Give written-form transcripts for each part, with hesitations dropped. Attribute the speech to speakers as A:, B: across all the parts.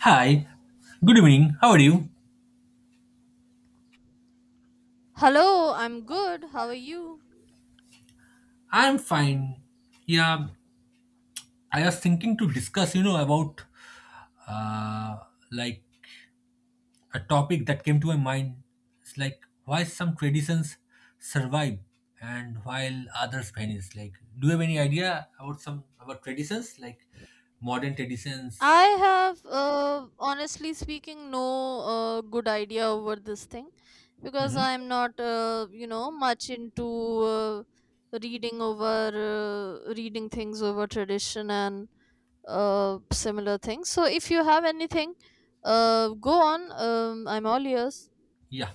A: Hi, good evening. How are you?
B: Hello, I'm good. How are you?
A: I'm fine. Yeah, I was thinking to discuss, about uh, like a topic that came to my mind. It's like why some traditions survive and while others vanish. Like, do you have any idea about some about traditions, like modern traditions?
B: I have, honestly speaking, no good idea over this thing because
A: Hmm.
B: I'm not, much into uh, reading over reading things over tradition and similar things. So if you have anything, go on. I'm all ears.
A: Yeah,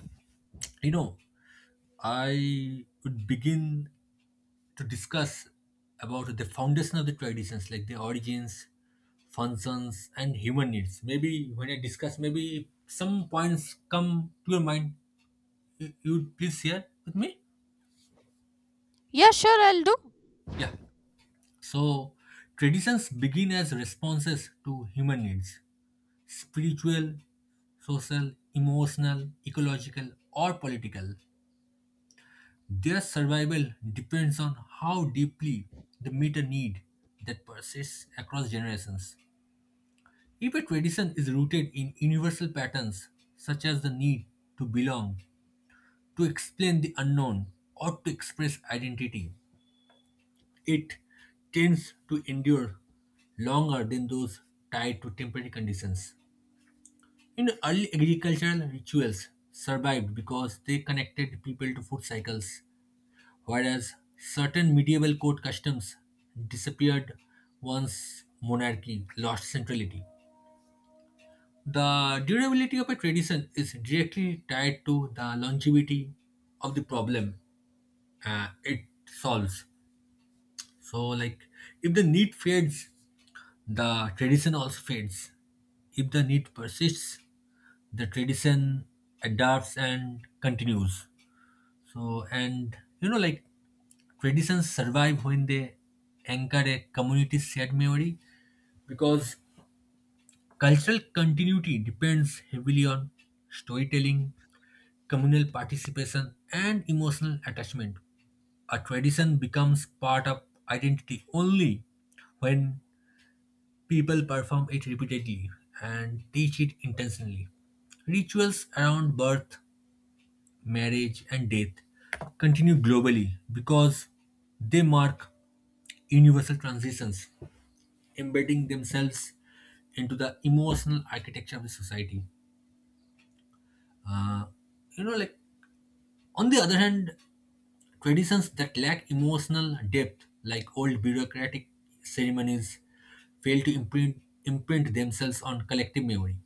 A: you know, I would begin to discuss about the foundation of the traditions, like the origins, functions, and human needs. Maybe when I discuss, maybe some points come to your mind. You would please share with me?
B: Yeah, sure, I'll do.
A: Yeah. So, traditions begin as responses to human needs, spiritual, social, emotional, ecological, or political. Their survival depends on how deeply they meet a need that persists across generations. If a tradition is rooted in universal patterns such as the need to belong, to explain the unknown, or to express identity, it tends to endure longer than those tied to temporary conditions. In early agricultural rituals survived because they connected people to food cycles, whereas certain medieval court customs disappeared once monarchy lost centrality. The durability of a tradition is directly tied to the longevity of the problem it solves. So, like, if the need fades, the tradition also fades. If the need persists, the tradition adapts and continues. So, and you know, like, traditions survive when they anchor a community's shared memory because cultural continuity depends heavily on storytelling communal participation, and emotional attachment. A tradition becomes part of identity only when people perform it repeatedly and teach it intentionally. Rituals around birth, marriage, and death continue globally because they mark universal transitions, embedding themselves into the emotional architecture of the society. Uh, you know, like on the other hand, traditions that lack emotional depth, like old bureaucratic ceremonies, fail to imprint, imprint themselves on collective memory.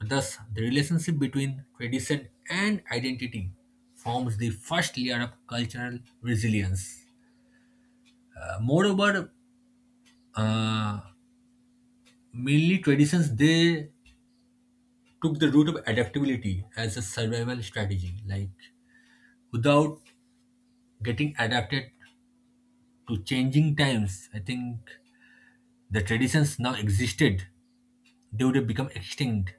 A: Thus, the relationship between tradition and identity forms the first layer of cultural resilience. Moreover, uh, mainly traditions they took the route of adaptability as a survival strategy. Like without getting adapted to changing times, I think the traditions now existed they would have become extinct.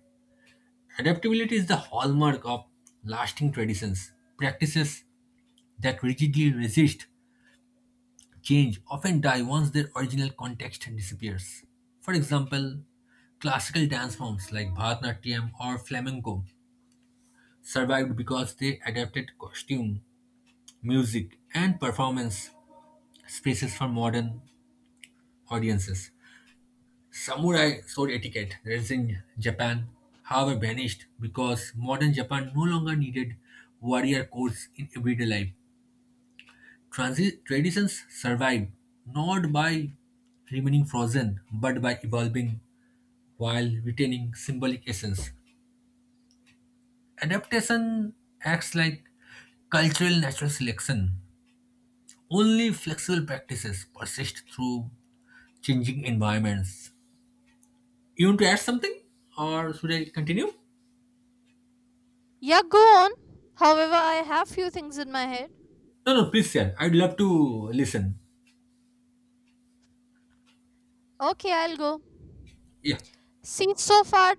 A: Adaptability is the hallmark of lasting traditions. Practices that rigidly resist change often die once their original context disappears. For example, classical dance forms like Bharatanatyam or flamenco survived because they adapted costume, music, and performance spaces for modern audiences. Samurai sword etiquette that is in Japan, however, vanished because modern Japan no longer needed warrior codes in everyday life. Traditions survive not by remaining frozen but by evolving while retaining symbolic essence. Adaptation acts like cultural natural selection. Only flexible practices persist through changing environments. You want to add something or should I continue?
B: Yeah, go on. However, I have few things in my head.
A: No, no, please share. I'd love to listen.
B: Okay, I'll go.
A: Yeah.
B: See, so far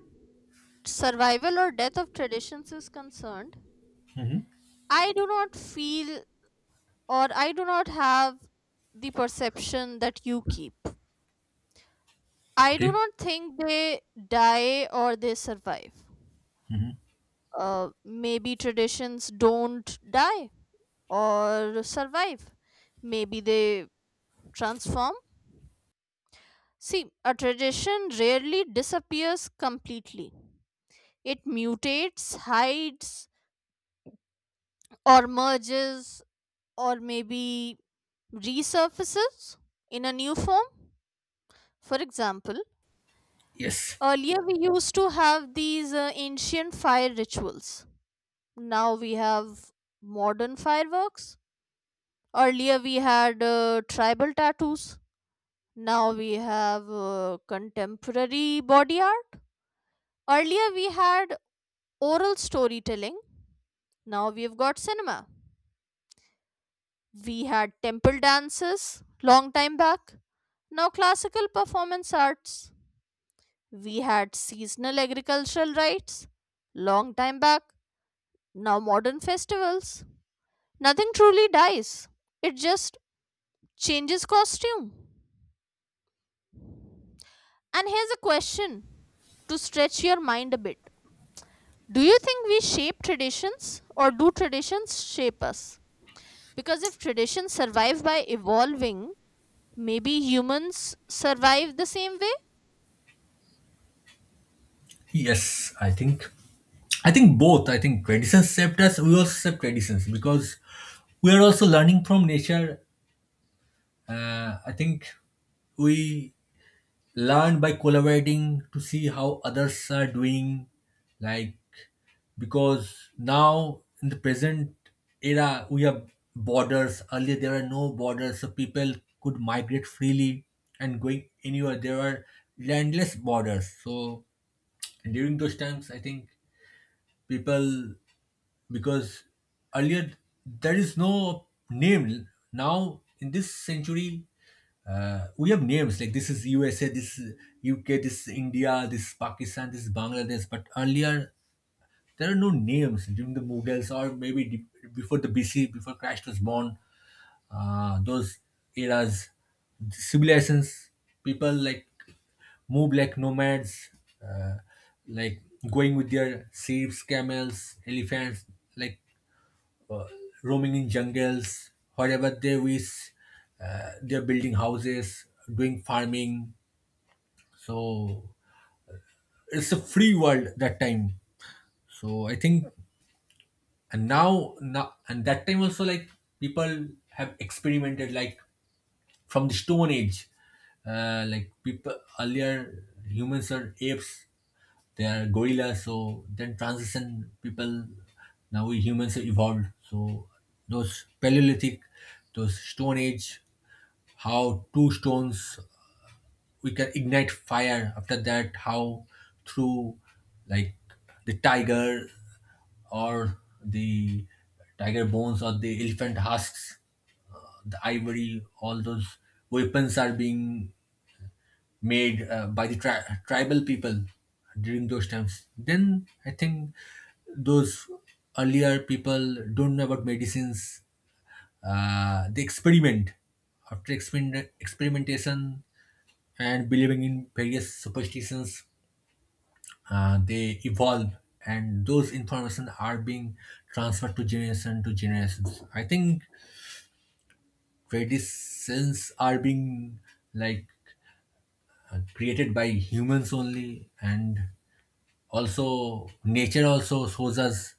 B: survival or death of traditions is concerned,
A: Hmm.
B: I do not feel or I do not have the perception that you keep. I do
A: Okay.
B: not think they die or they survive. Maybe traditions don't die or survive. Maybe they transform. See, a tradition rarely disappears completely. It mutates, hides, or merges, or maybe resurfaces in a new form. For example,
A: Yes.
B: earlier we used to have these ancient fire rituals. Now we have modern fireworks. Earlier we had tribal tattoos. Now we have contemporary body art. Earlier we had oral storytelling. Now we've got cinema. We had temple dances long time back. Now classical performance arts. We had seasonal agricultural rights long time back, now modern festivals. Nothing truly dies, it just changes costume. And here's a question to stretch your mind a bit. Do you think we shape traditions or do traditions shape us? Because if traditions survive by evolving, maybe humans survive the same way?
A: Yes, I think. I think both. I think traditions shaped us. We also shape traditions because we are also learning from nature. I think we learn by collaborating to see how others are doing, like because now in the present era we have borders earlier there are no borders so people could migrate freely and going anywhere there are landless borders so during those times I think people because earlier there is no name now in this century we have names like this is USA, this is UK, this is India, this is Pakistan, this is Bangladesh. But earlier, there are no names during the Mughals or maybe before the BC, before Christ was born. Those eras, civilizations, people like move like nomads, uh, like going with their sheep, camels, elephants, like roaming in jungles, wherever they wish. They're building houses, doing farming. So it's a free world that time. So I think and now, now and that time also like people have experimented like from the stone age like people earlier humans are apes they are gorillas so then transition people now we humans have evolved so those paleolithic those stone age how two stones we can ignite fire after that how through like the tiger or the tiger bones or the elephant husks, the ivory, all those weapons are being made by the tribal people during those times. Then I think those earlier people don't know about medicines. They experiment after experiment, experimentation and believing in various superstitions they evolve and those information are being transferred to generation to generations I think traditions are being like created by humans only and also nature also shows us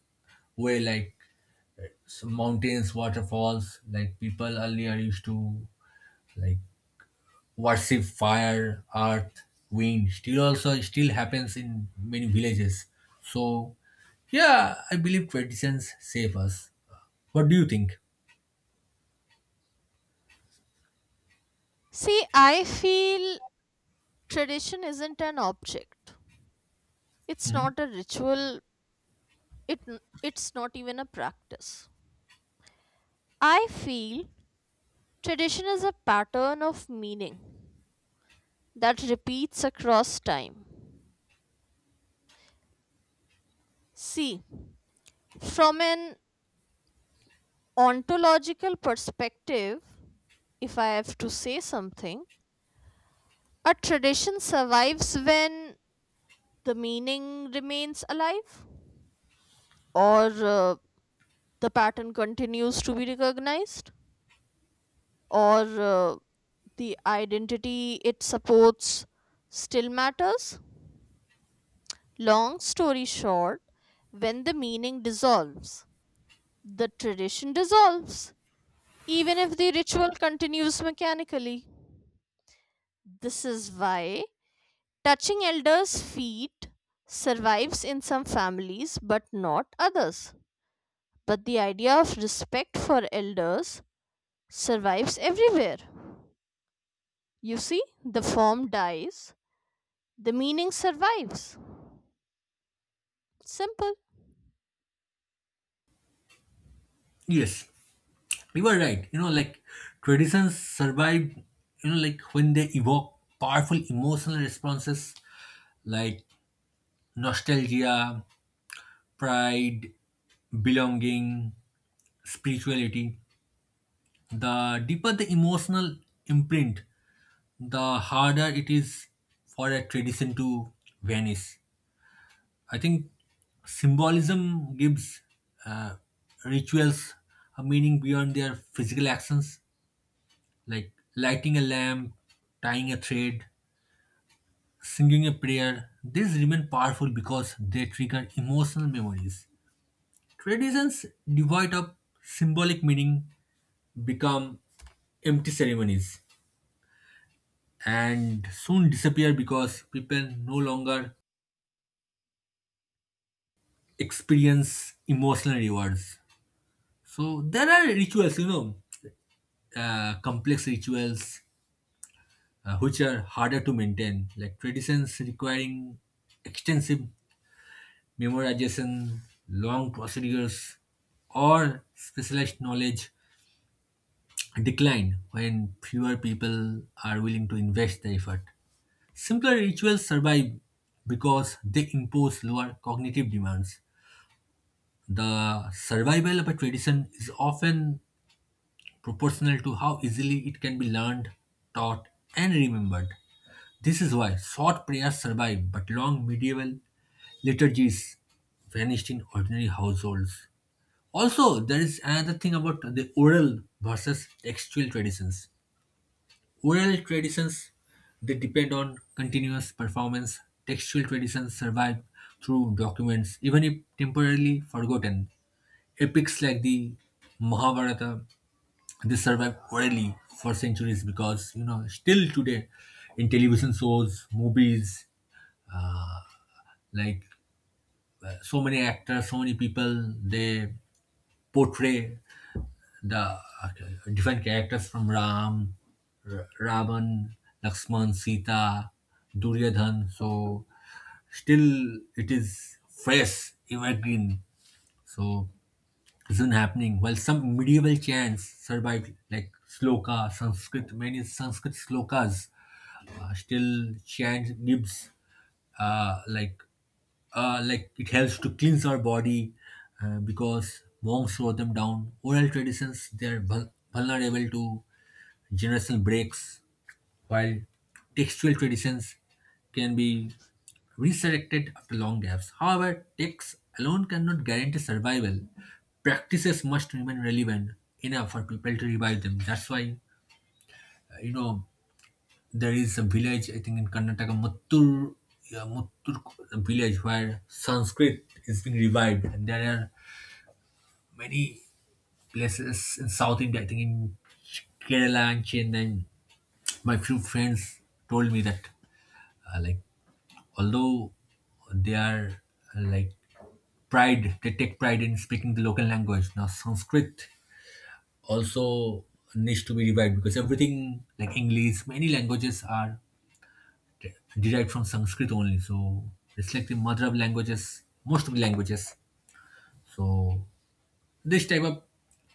A: way like some mountains waterfalls like people earlier used to like worship fire, earth, wind. Still also still happens in many villages. So yeah, I believe traditions save us. What do you think?
B: See, I feel tradition isn't an object. It's
A: Mhm.
B: not a ritual, it n- it's not even a practice. I feel tradition is a pattern of meaning that repeats across time. See, from an ontological perspective, if I have to say something, a tradition survives when the meaning remains alive, or uh, the pattern continues to be recognized, or uh, the identity it supports still matters. Long story short, when the meaning dissolves, the tradition dissolves, even if the ritual continues mechanically. This is why touching elders' feet survives in some families but not others. But the idea of respect for elders survives everywhere. You see, the form dies, the meaning survives. Simple.
A: Yes, you are right. You know, like traditions survive, you know, like when they evoke powerful emotional responses like nostalgia, pride, belonging, spirituality. The deeper the emotional imprint, the harder it is for a tradition to vanish. I think symbolism gives uh, rituals a meaning beyond their physical actions, like lighting a lamp, tying a thread, singing a prayer. These remain powerful because they trigger emotional memories. Traditions devoid of symbolic meaning become empty ceremonies and soon disappear because people no longer experience emotional rewards. So there are rituals, you know, complex rituals which are harder to maintain, like traditions requiring extensive memorization, long procedures, or specialized knowledge decline when fewer people are willing to invest the effort. Simpler rituals survive because they impose lower cognitive demands. The survival of a tradition is often proportional to how easily it can be learned, taught, and remembered. This is why short prayers survive, but long medieval liturgies vanished in ordinary households. Also, there is another thing about the oral versus textual traditions. Oral traditions they depend on continuous performance. Textual traditions survive through documents, even if temporarily forgotten. Epics like the Mahabharata they survived orally for centuries because, you know, still today in television shows, movies, like so many actors, so many people, they portray the different characters from Ram, Ravan, Lakshman, Sita, Duryodhan. So still it is fresh, evergreen. So it's been happening. While some medieval chants survived, like sloka, Sanskrit, many Sanskrit slokas still chants gives uh, like like it helps to cleanse our body because monks wrote them down. Oral traditions they are vulnerable to generational breaks, while textual traditions can be resurrected after long gaps. However, texts alone cannot guarantee survival. Practices must remain relevant enough for people to revive them. That's why you know there is a village, I think in Karnataka, Mattur, yeah, Mattur village where Sanskrit is being revived. And there are many places in South India, I think in Kerala and Chennai. My few friends told me that, like, although they are like pride, they take pride in speaking the local language. Now, Sanskrit also needs to be revived because everything like English, many languages are de- derived from Sanskrit only. So it's like the mother of languages, most of the languages. So this type of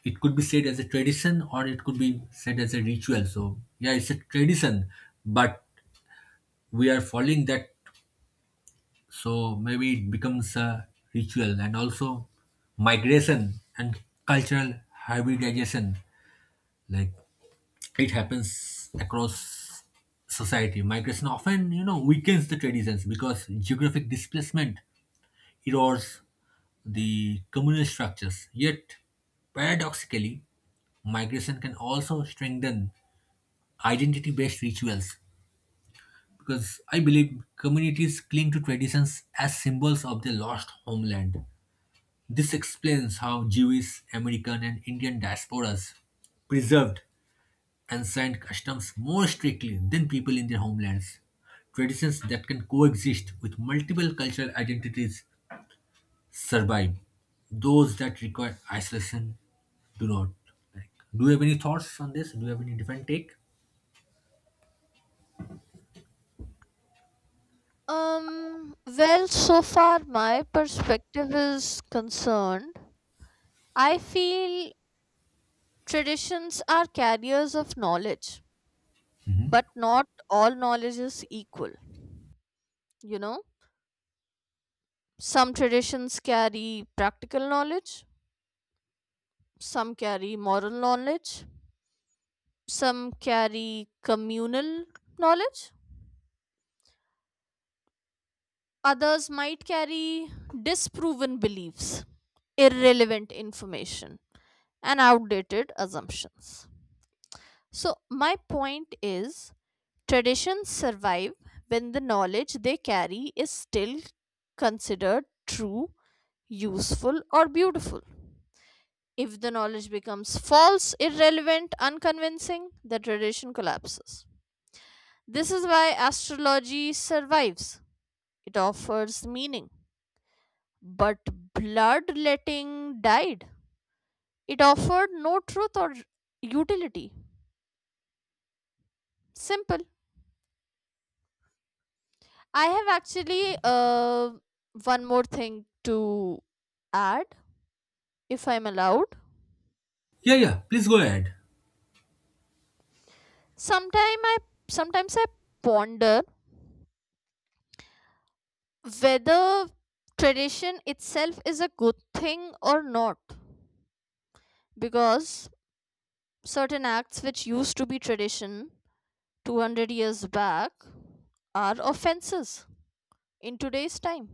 A: it could be said as a tradition or it could be said as a ritual. So yeah, it's a tradition, but we are following that. So maybe it becomes a ritual and also migration and cultural hybridization. Like it happens across society. Migration often, you know, weakens the traditions because geographic displacement erodes the communal structures. Yet, paradoxically, migration can also strengthen identity based rituals because I believe communities cling to traditions as symbols of their lost homeland. This explains how Jewish, American, and Indian diasporas preserved ancient customs more strictly than people in their homelands. Traditions that can coexist with multiple cultural identities survive. Those that require isolation do not. Like, do you have any thoughts on this? Do you have any different take?
B: Well, so far my perspective is concerned. I feel traditions are carriers of knowledge, but not all knowledge is equal. You know, some traditions carry practical knowledge, some carry moral knowledge, some carry communal knowledge, others might carry disproven beliefs, irrelevant information, and outdated assumptions. So, my point is traditions survive when the knowledge they carry is still considered true, useful, or beautiful. If the knowledge becomes false, irrelevant, unconvincing, the tradition collapses. This is why astrology survives. It offers meaning. But bloodletting died. It offered no truth or utility. Simple. I have actually one more thing to add, if I'm allowed.
A: Yeah, yeah. Please go ahead.
B: Sometime I Sometimes I ponder whether tradition itself is a good thing or not, because certain acts which used to be tradition 200 years back are offenses in today's time.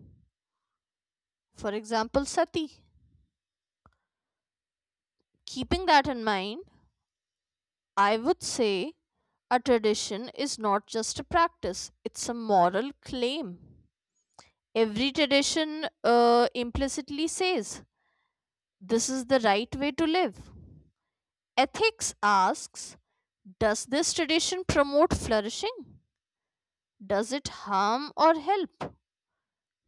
B: For example, sati. Keeping that in mind, I would say a tradition is not just a practice, it's a moral claim. Every tradition implicitly says this is the right way to live. Ethics asks, does this tradition promote flourishing? Does it harm or help?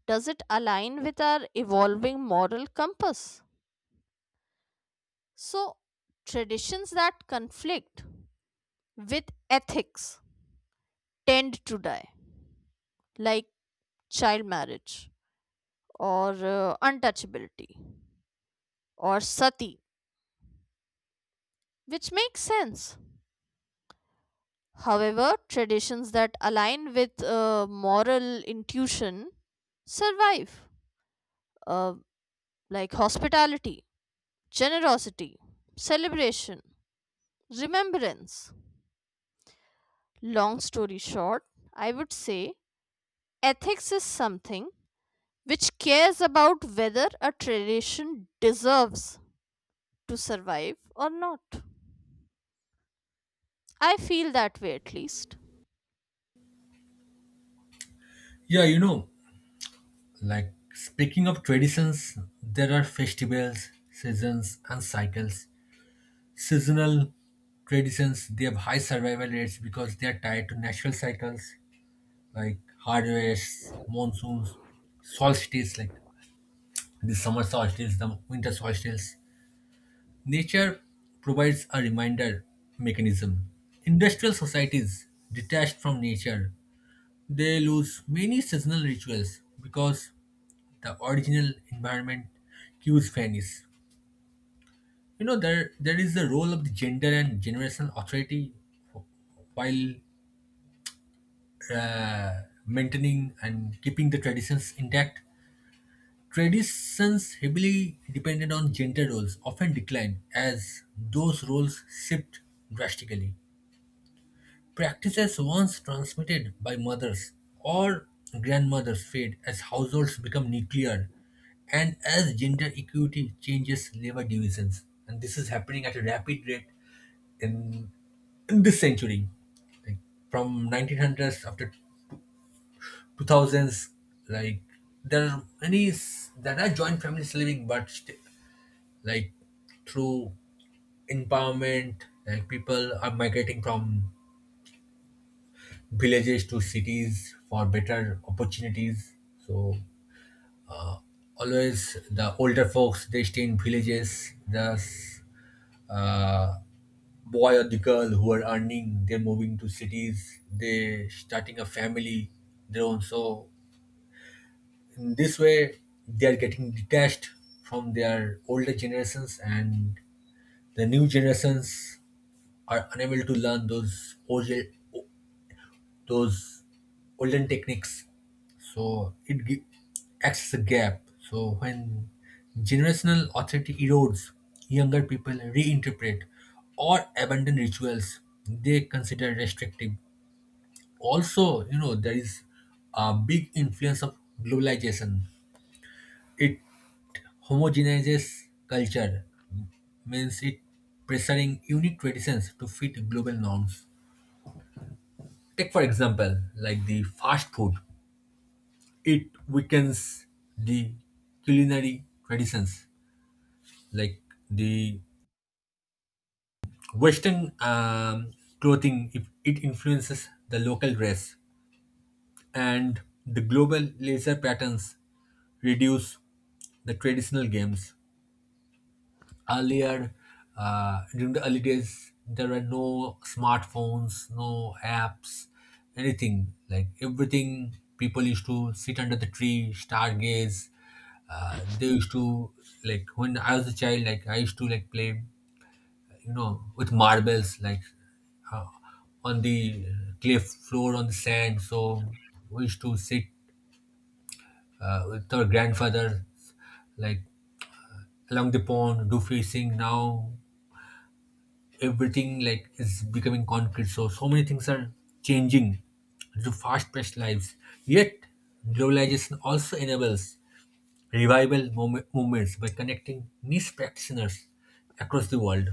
B: Does it align with our evolving moral compass? So, traditions that conflict with ethics tend to die, like child marriage or untouchability or sati, which makes sense. However, traditions that align with moral intuition survive, uh, like hospitality, generosity, celebration, remembrance. Long story short, I would say ethics is something which cares about whether a tradition deserves to survive or not. I feel that way at least.
A: Yeah, you know, like speaking of traditions, there are festivals, seasons, and cycles. Seasonal traditions they have high survival rates because they are tied to natural cycles like harvests, monsoons, solstices like the summer solstice, the winter solstice, nature provides a reminder mechanism. Industrial societies detached from nature, they lose many seasonal rituals because the original environment cues vanish. You know, there is the role of the gender and generational authority while uh, maintaining and keeping the traditions intact. Traditions heavily dependent on gender roles often decline as those roles shift drastically. Practices once transmitted by mothers or grandmothers fade as households become nuclear and as gender equity changes labor divisions. And this is happening at a rapid rate in, in this century. Like from 1900s up to 2000s, like there are many, there are joint families living, but like through empowerment, like people are migrating from villages to cities for better opportunities. So always the older folks they stay in villages. The uh, boy or the girl who are earning they're moving to cities. They starting a family their own. So in this way they are getting detached from their older generations, and the new generations are unable to learn those old those olden techniques. So it acts as a gap. So when generational authority erodes, younger people reinterpret or abandon rituals they consider restrictive. Also, you know, there is a big influence of globalization. It homogenizes culture, means it pressuring unique traditions to fit global norms. Take for example like the fast food, it weakens the culinary traditions. Like the western clothing, if it influences the local dress, and the global laser patterns reduce the traditional games. Earlier, during the early days there were no smartphones, no apps, anything. Like everything, people used to sit under the tree, stargaze. They used to, like when I was a child, like I used to like play, you know, with marbles, like, uh, on the cliff floor, on the sand. So we used to sit, with our grandfather, like along the pond, do fishing. Now everything like is becoming concrete, so so many things are changing to fast-paced lives. Yet globalization also enables revival movements by connecting niche practitioners across the world.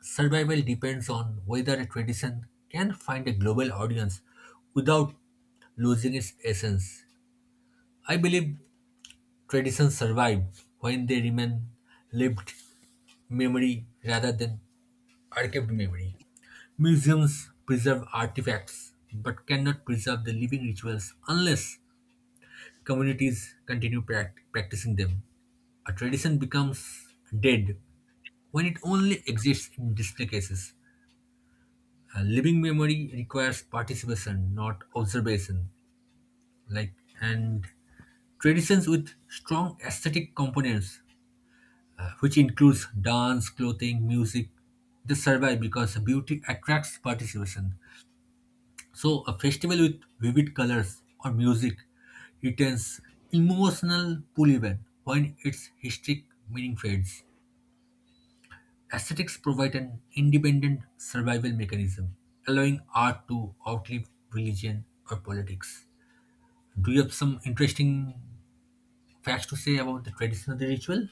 A: Survival depends on whether a tradition can find a global audience without losing its essence. I believe traditions survive when they remain lived memory rather than archived memory. Museums preserve artifacts but cannot preserve the living rituals unless communities continue practicing them. A tradition becomes dead when it only exists in display cases. A living memory requires participation, not observation. Like and traditions with strong aesthetic components, which includes dance, clothing, music, they survive because beauty attracts participation. So, a festival with vivid colors or music retains emotional pull even when its historic meaning fades. Aesthetics provide an independent survival mechanism, allowing art to outlive religion or politics. Do you have some interesting facts to say about the tradition of the ritual?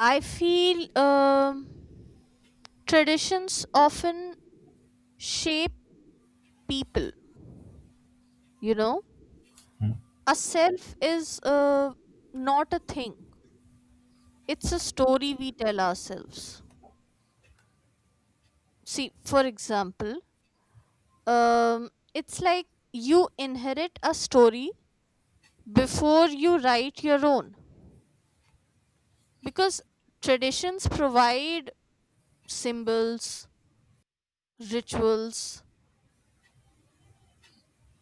B: I feel traditions often shape people, you know. A self is not a thing, it's a story we tell ourselves. See, for example, it's like you inherit a story before you write your own. Because traditions provide symbols, rituals,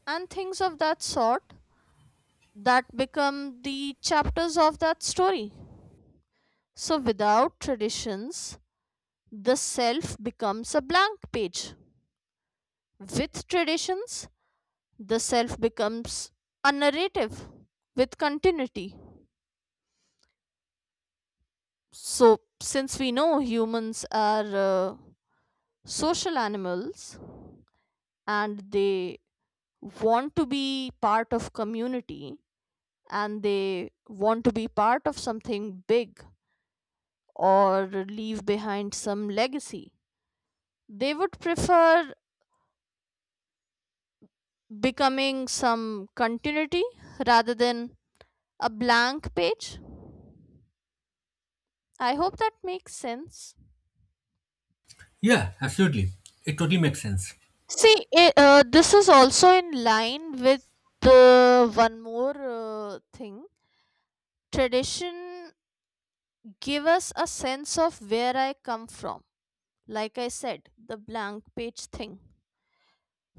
B: and things of that sort that become the chapters of that story. So, without traditions, the self becomes a blank page. With traditions, the self becomes a narrative with continuity. So, since we know humans are social animals and they want to be part of community and they want to be part of something big or leave behind some legacy, they would prefer becoming some continuity rather than a blank page. I hope that makes sense.
A: Yeah, absolutely. It totally makes sense.
B: See, this is also in line with the one more thing. Tradition give us a sense of where I come from. Like I said, the blank page thing.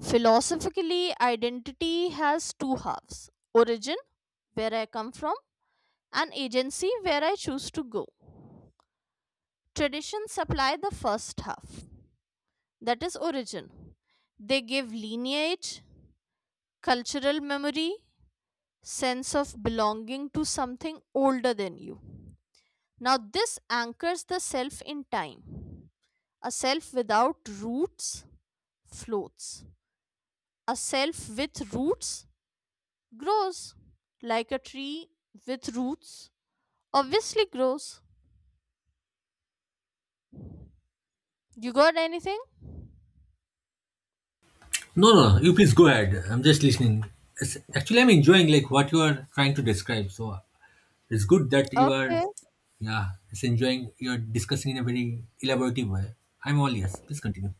B: Philosophically, identity has two halves: origin, where I come from, and agency, where I choose to go. Traditions supply the first half, that is, origin. They give lineage, cultural memory, sense of belonging to something older than you. Now, this anchors the self in time. A self without roots floats, a self with roots grows, like a tree with roots obviously grows. You got anything?
A: No, no, no. You please go ahead. I'm just listening. It's, actually, I'm enjoying like what you are trying to describe. So it's good that you are,
B: Okay.
A: yeah, it's enjoying, you're discussing in a very elaborative way. I'm all yes. Please continue.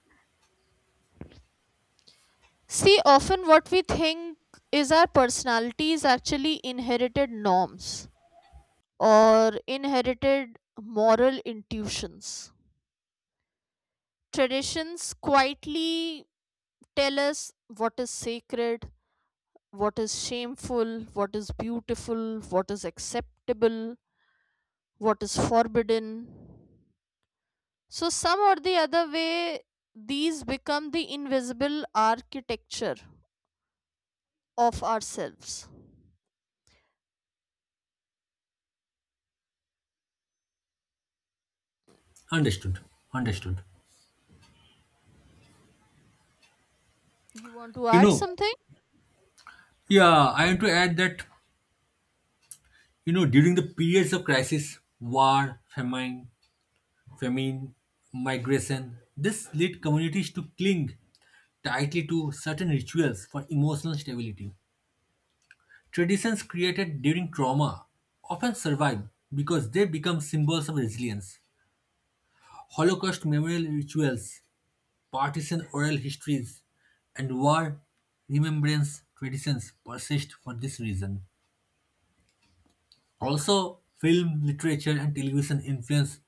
B: See, often what we think is our personality is actually inherited norms or inherited moral intuitions. Traditions quietly tell us what is sacred, what is shameful, what is beautiful, what is acceptable, what is forbidden. So, some or the other way, these become the invisible architecture of ourselves.
A: Understood. Understood.
B: You want to
A: You
B: add
A: know,
B: something?
A: yeah, I want to add that, you know, during the periods of crisis, war, famine, famine, migration, this led communities to cling tightly to certain rituals for emotional stability. Traditions created during trauma often survive because they become symbols of resilience. Holocaust memorial rituals, Partisan oral histories, and war remembrance traditions persist for this reason. Also, film, literature, and television influence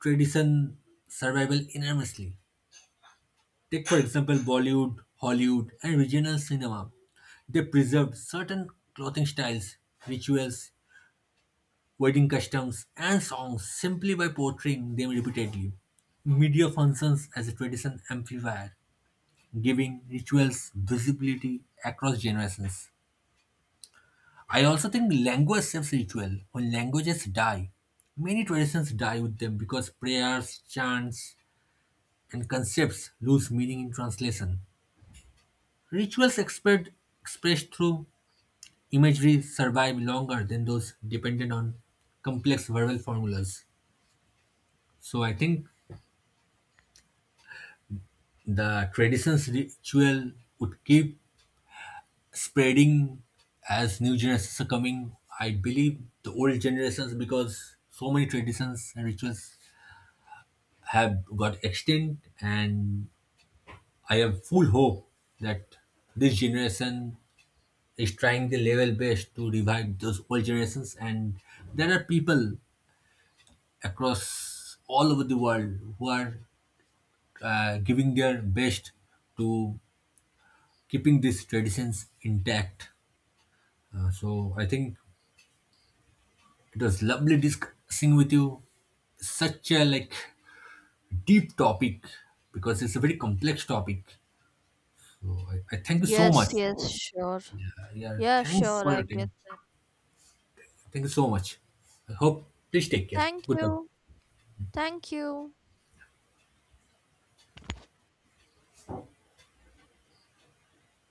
A: tradition survival enormously. Take, for example, Bollywood, Hollywood, and regional cinema. They preserved certain clothing styles, rituals, wedding customs, and songs simply by portraying them repeatedly. Media functions as a tradition amplifier, giving rituals visibility across generations. I also think language saves ritual. When languages die, many traditions die with them because prayers, chants, and concepts lose meaning in translation. Rituals expressed through imagery survive longer than those dependent on complex verbal formulas. So I think the traditions ritual would keep spreading as new generations are coming. I believe the old generations, because so many traditions and rituals have got extinct, and I have full hope that this generation is trying the level best to revive those old generations. And there are people across all over the world who are giving their best to keeping these traditions intact. So I think it was lovely discussing with you such a like deep topic, because it's a very complex topic. So I thank you so much.
B: Yes, yes, sure.
A: Yeah,
B: Yeah,
A: thanks
B: sure,
A: for
B: I
A: your
B: get.
A: time. Thank you so much. I hope, please take care.
B: Thank you.
A: Goodbye.
B: Thank you.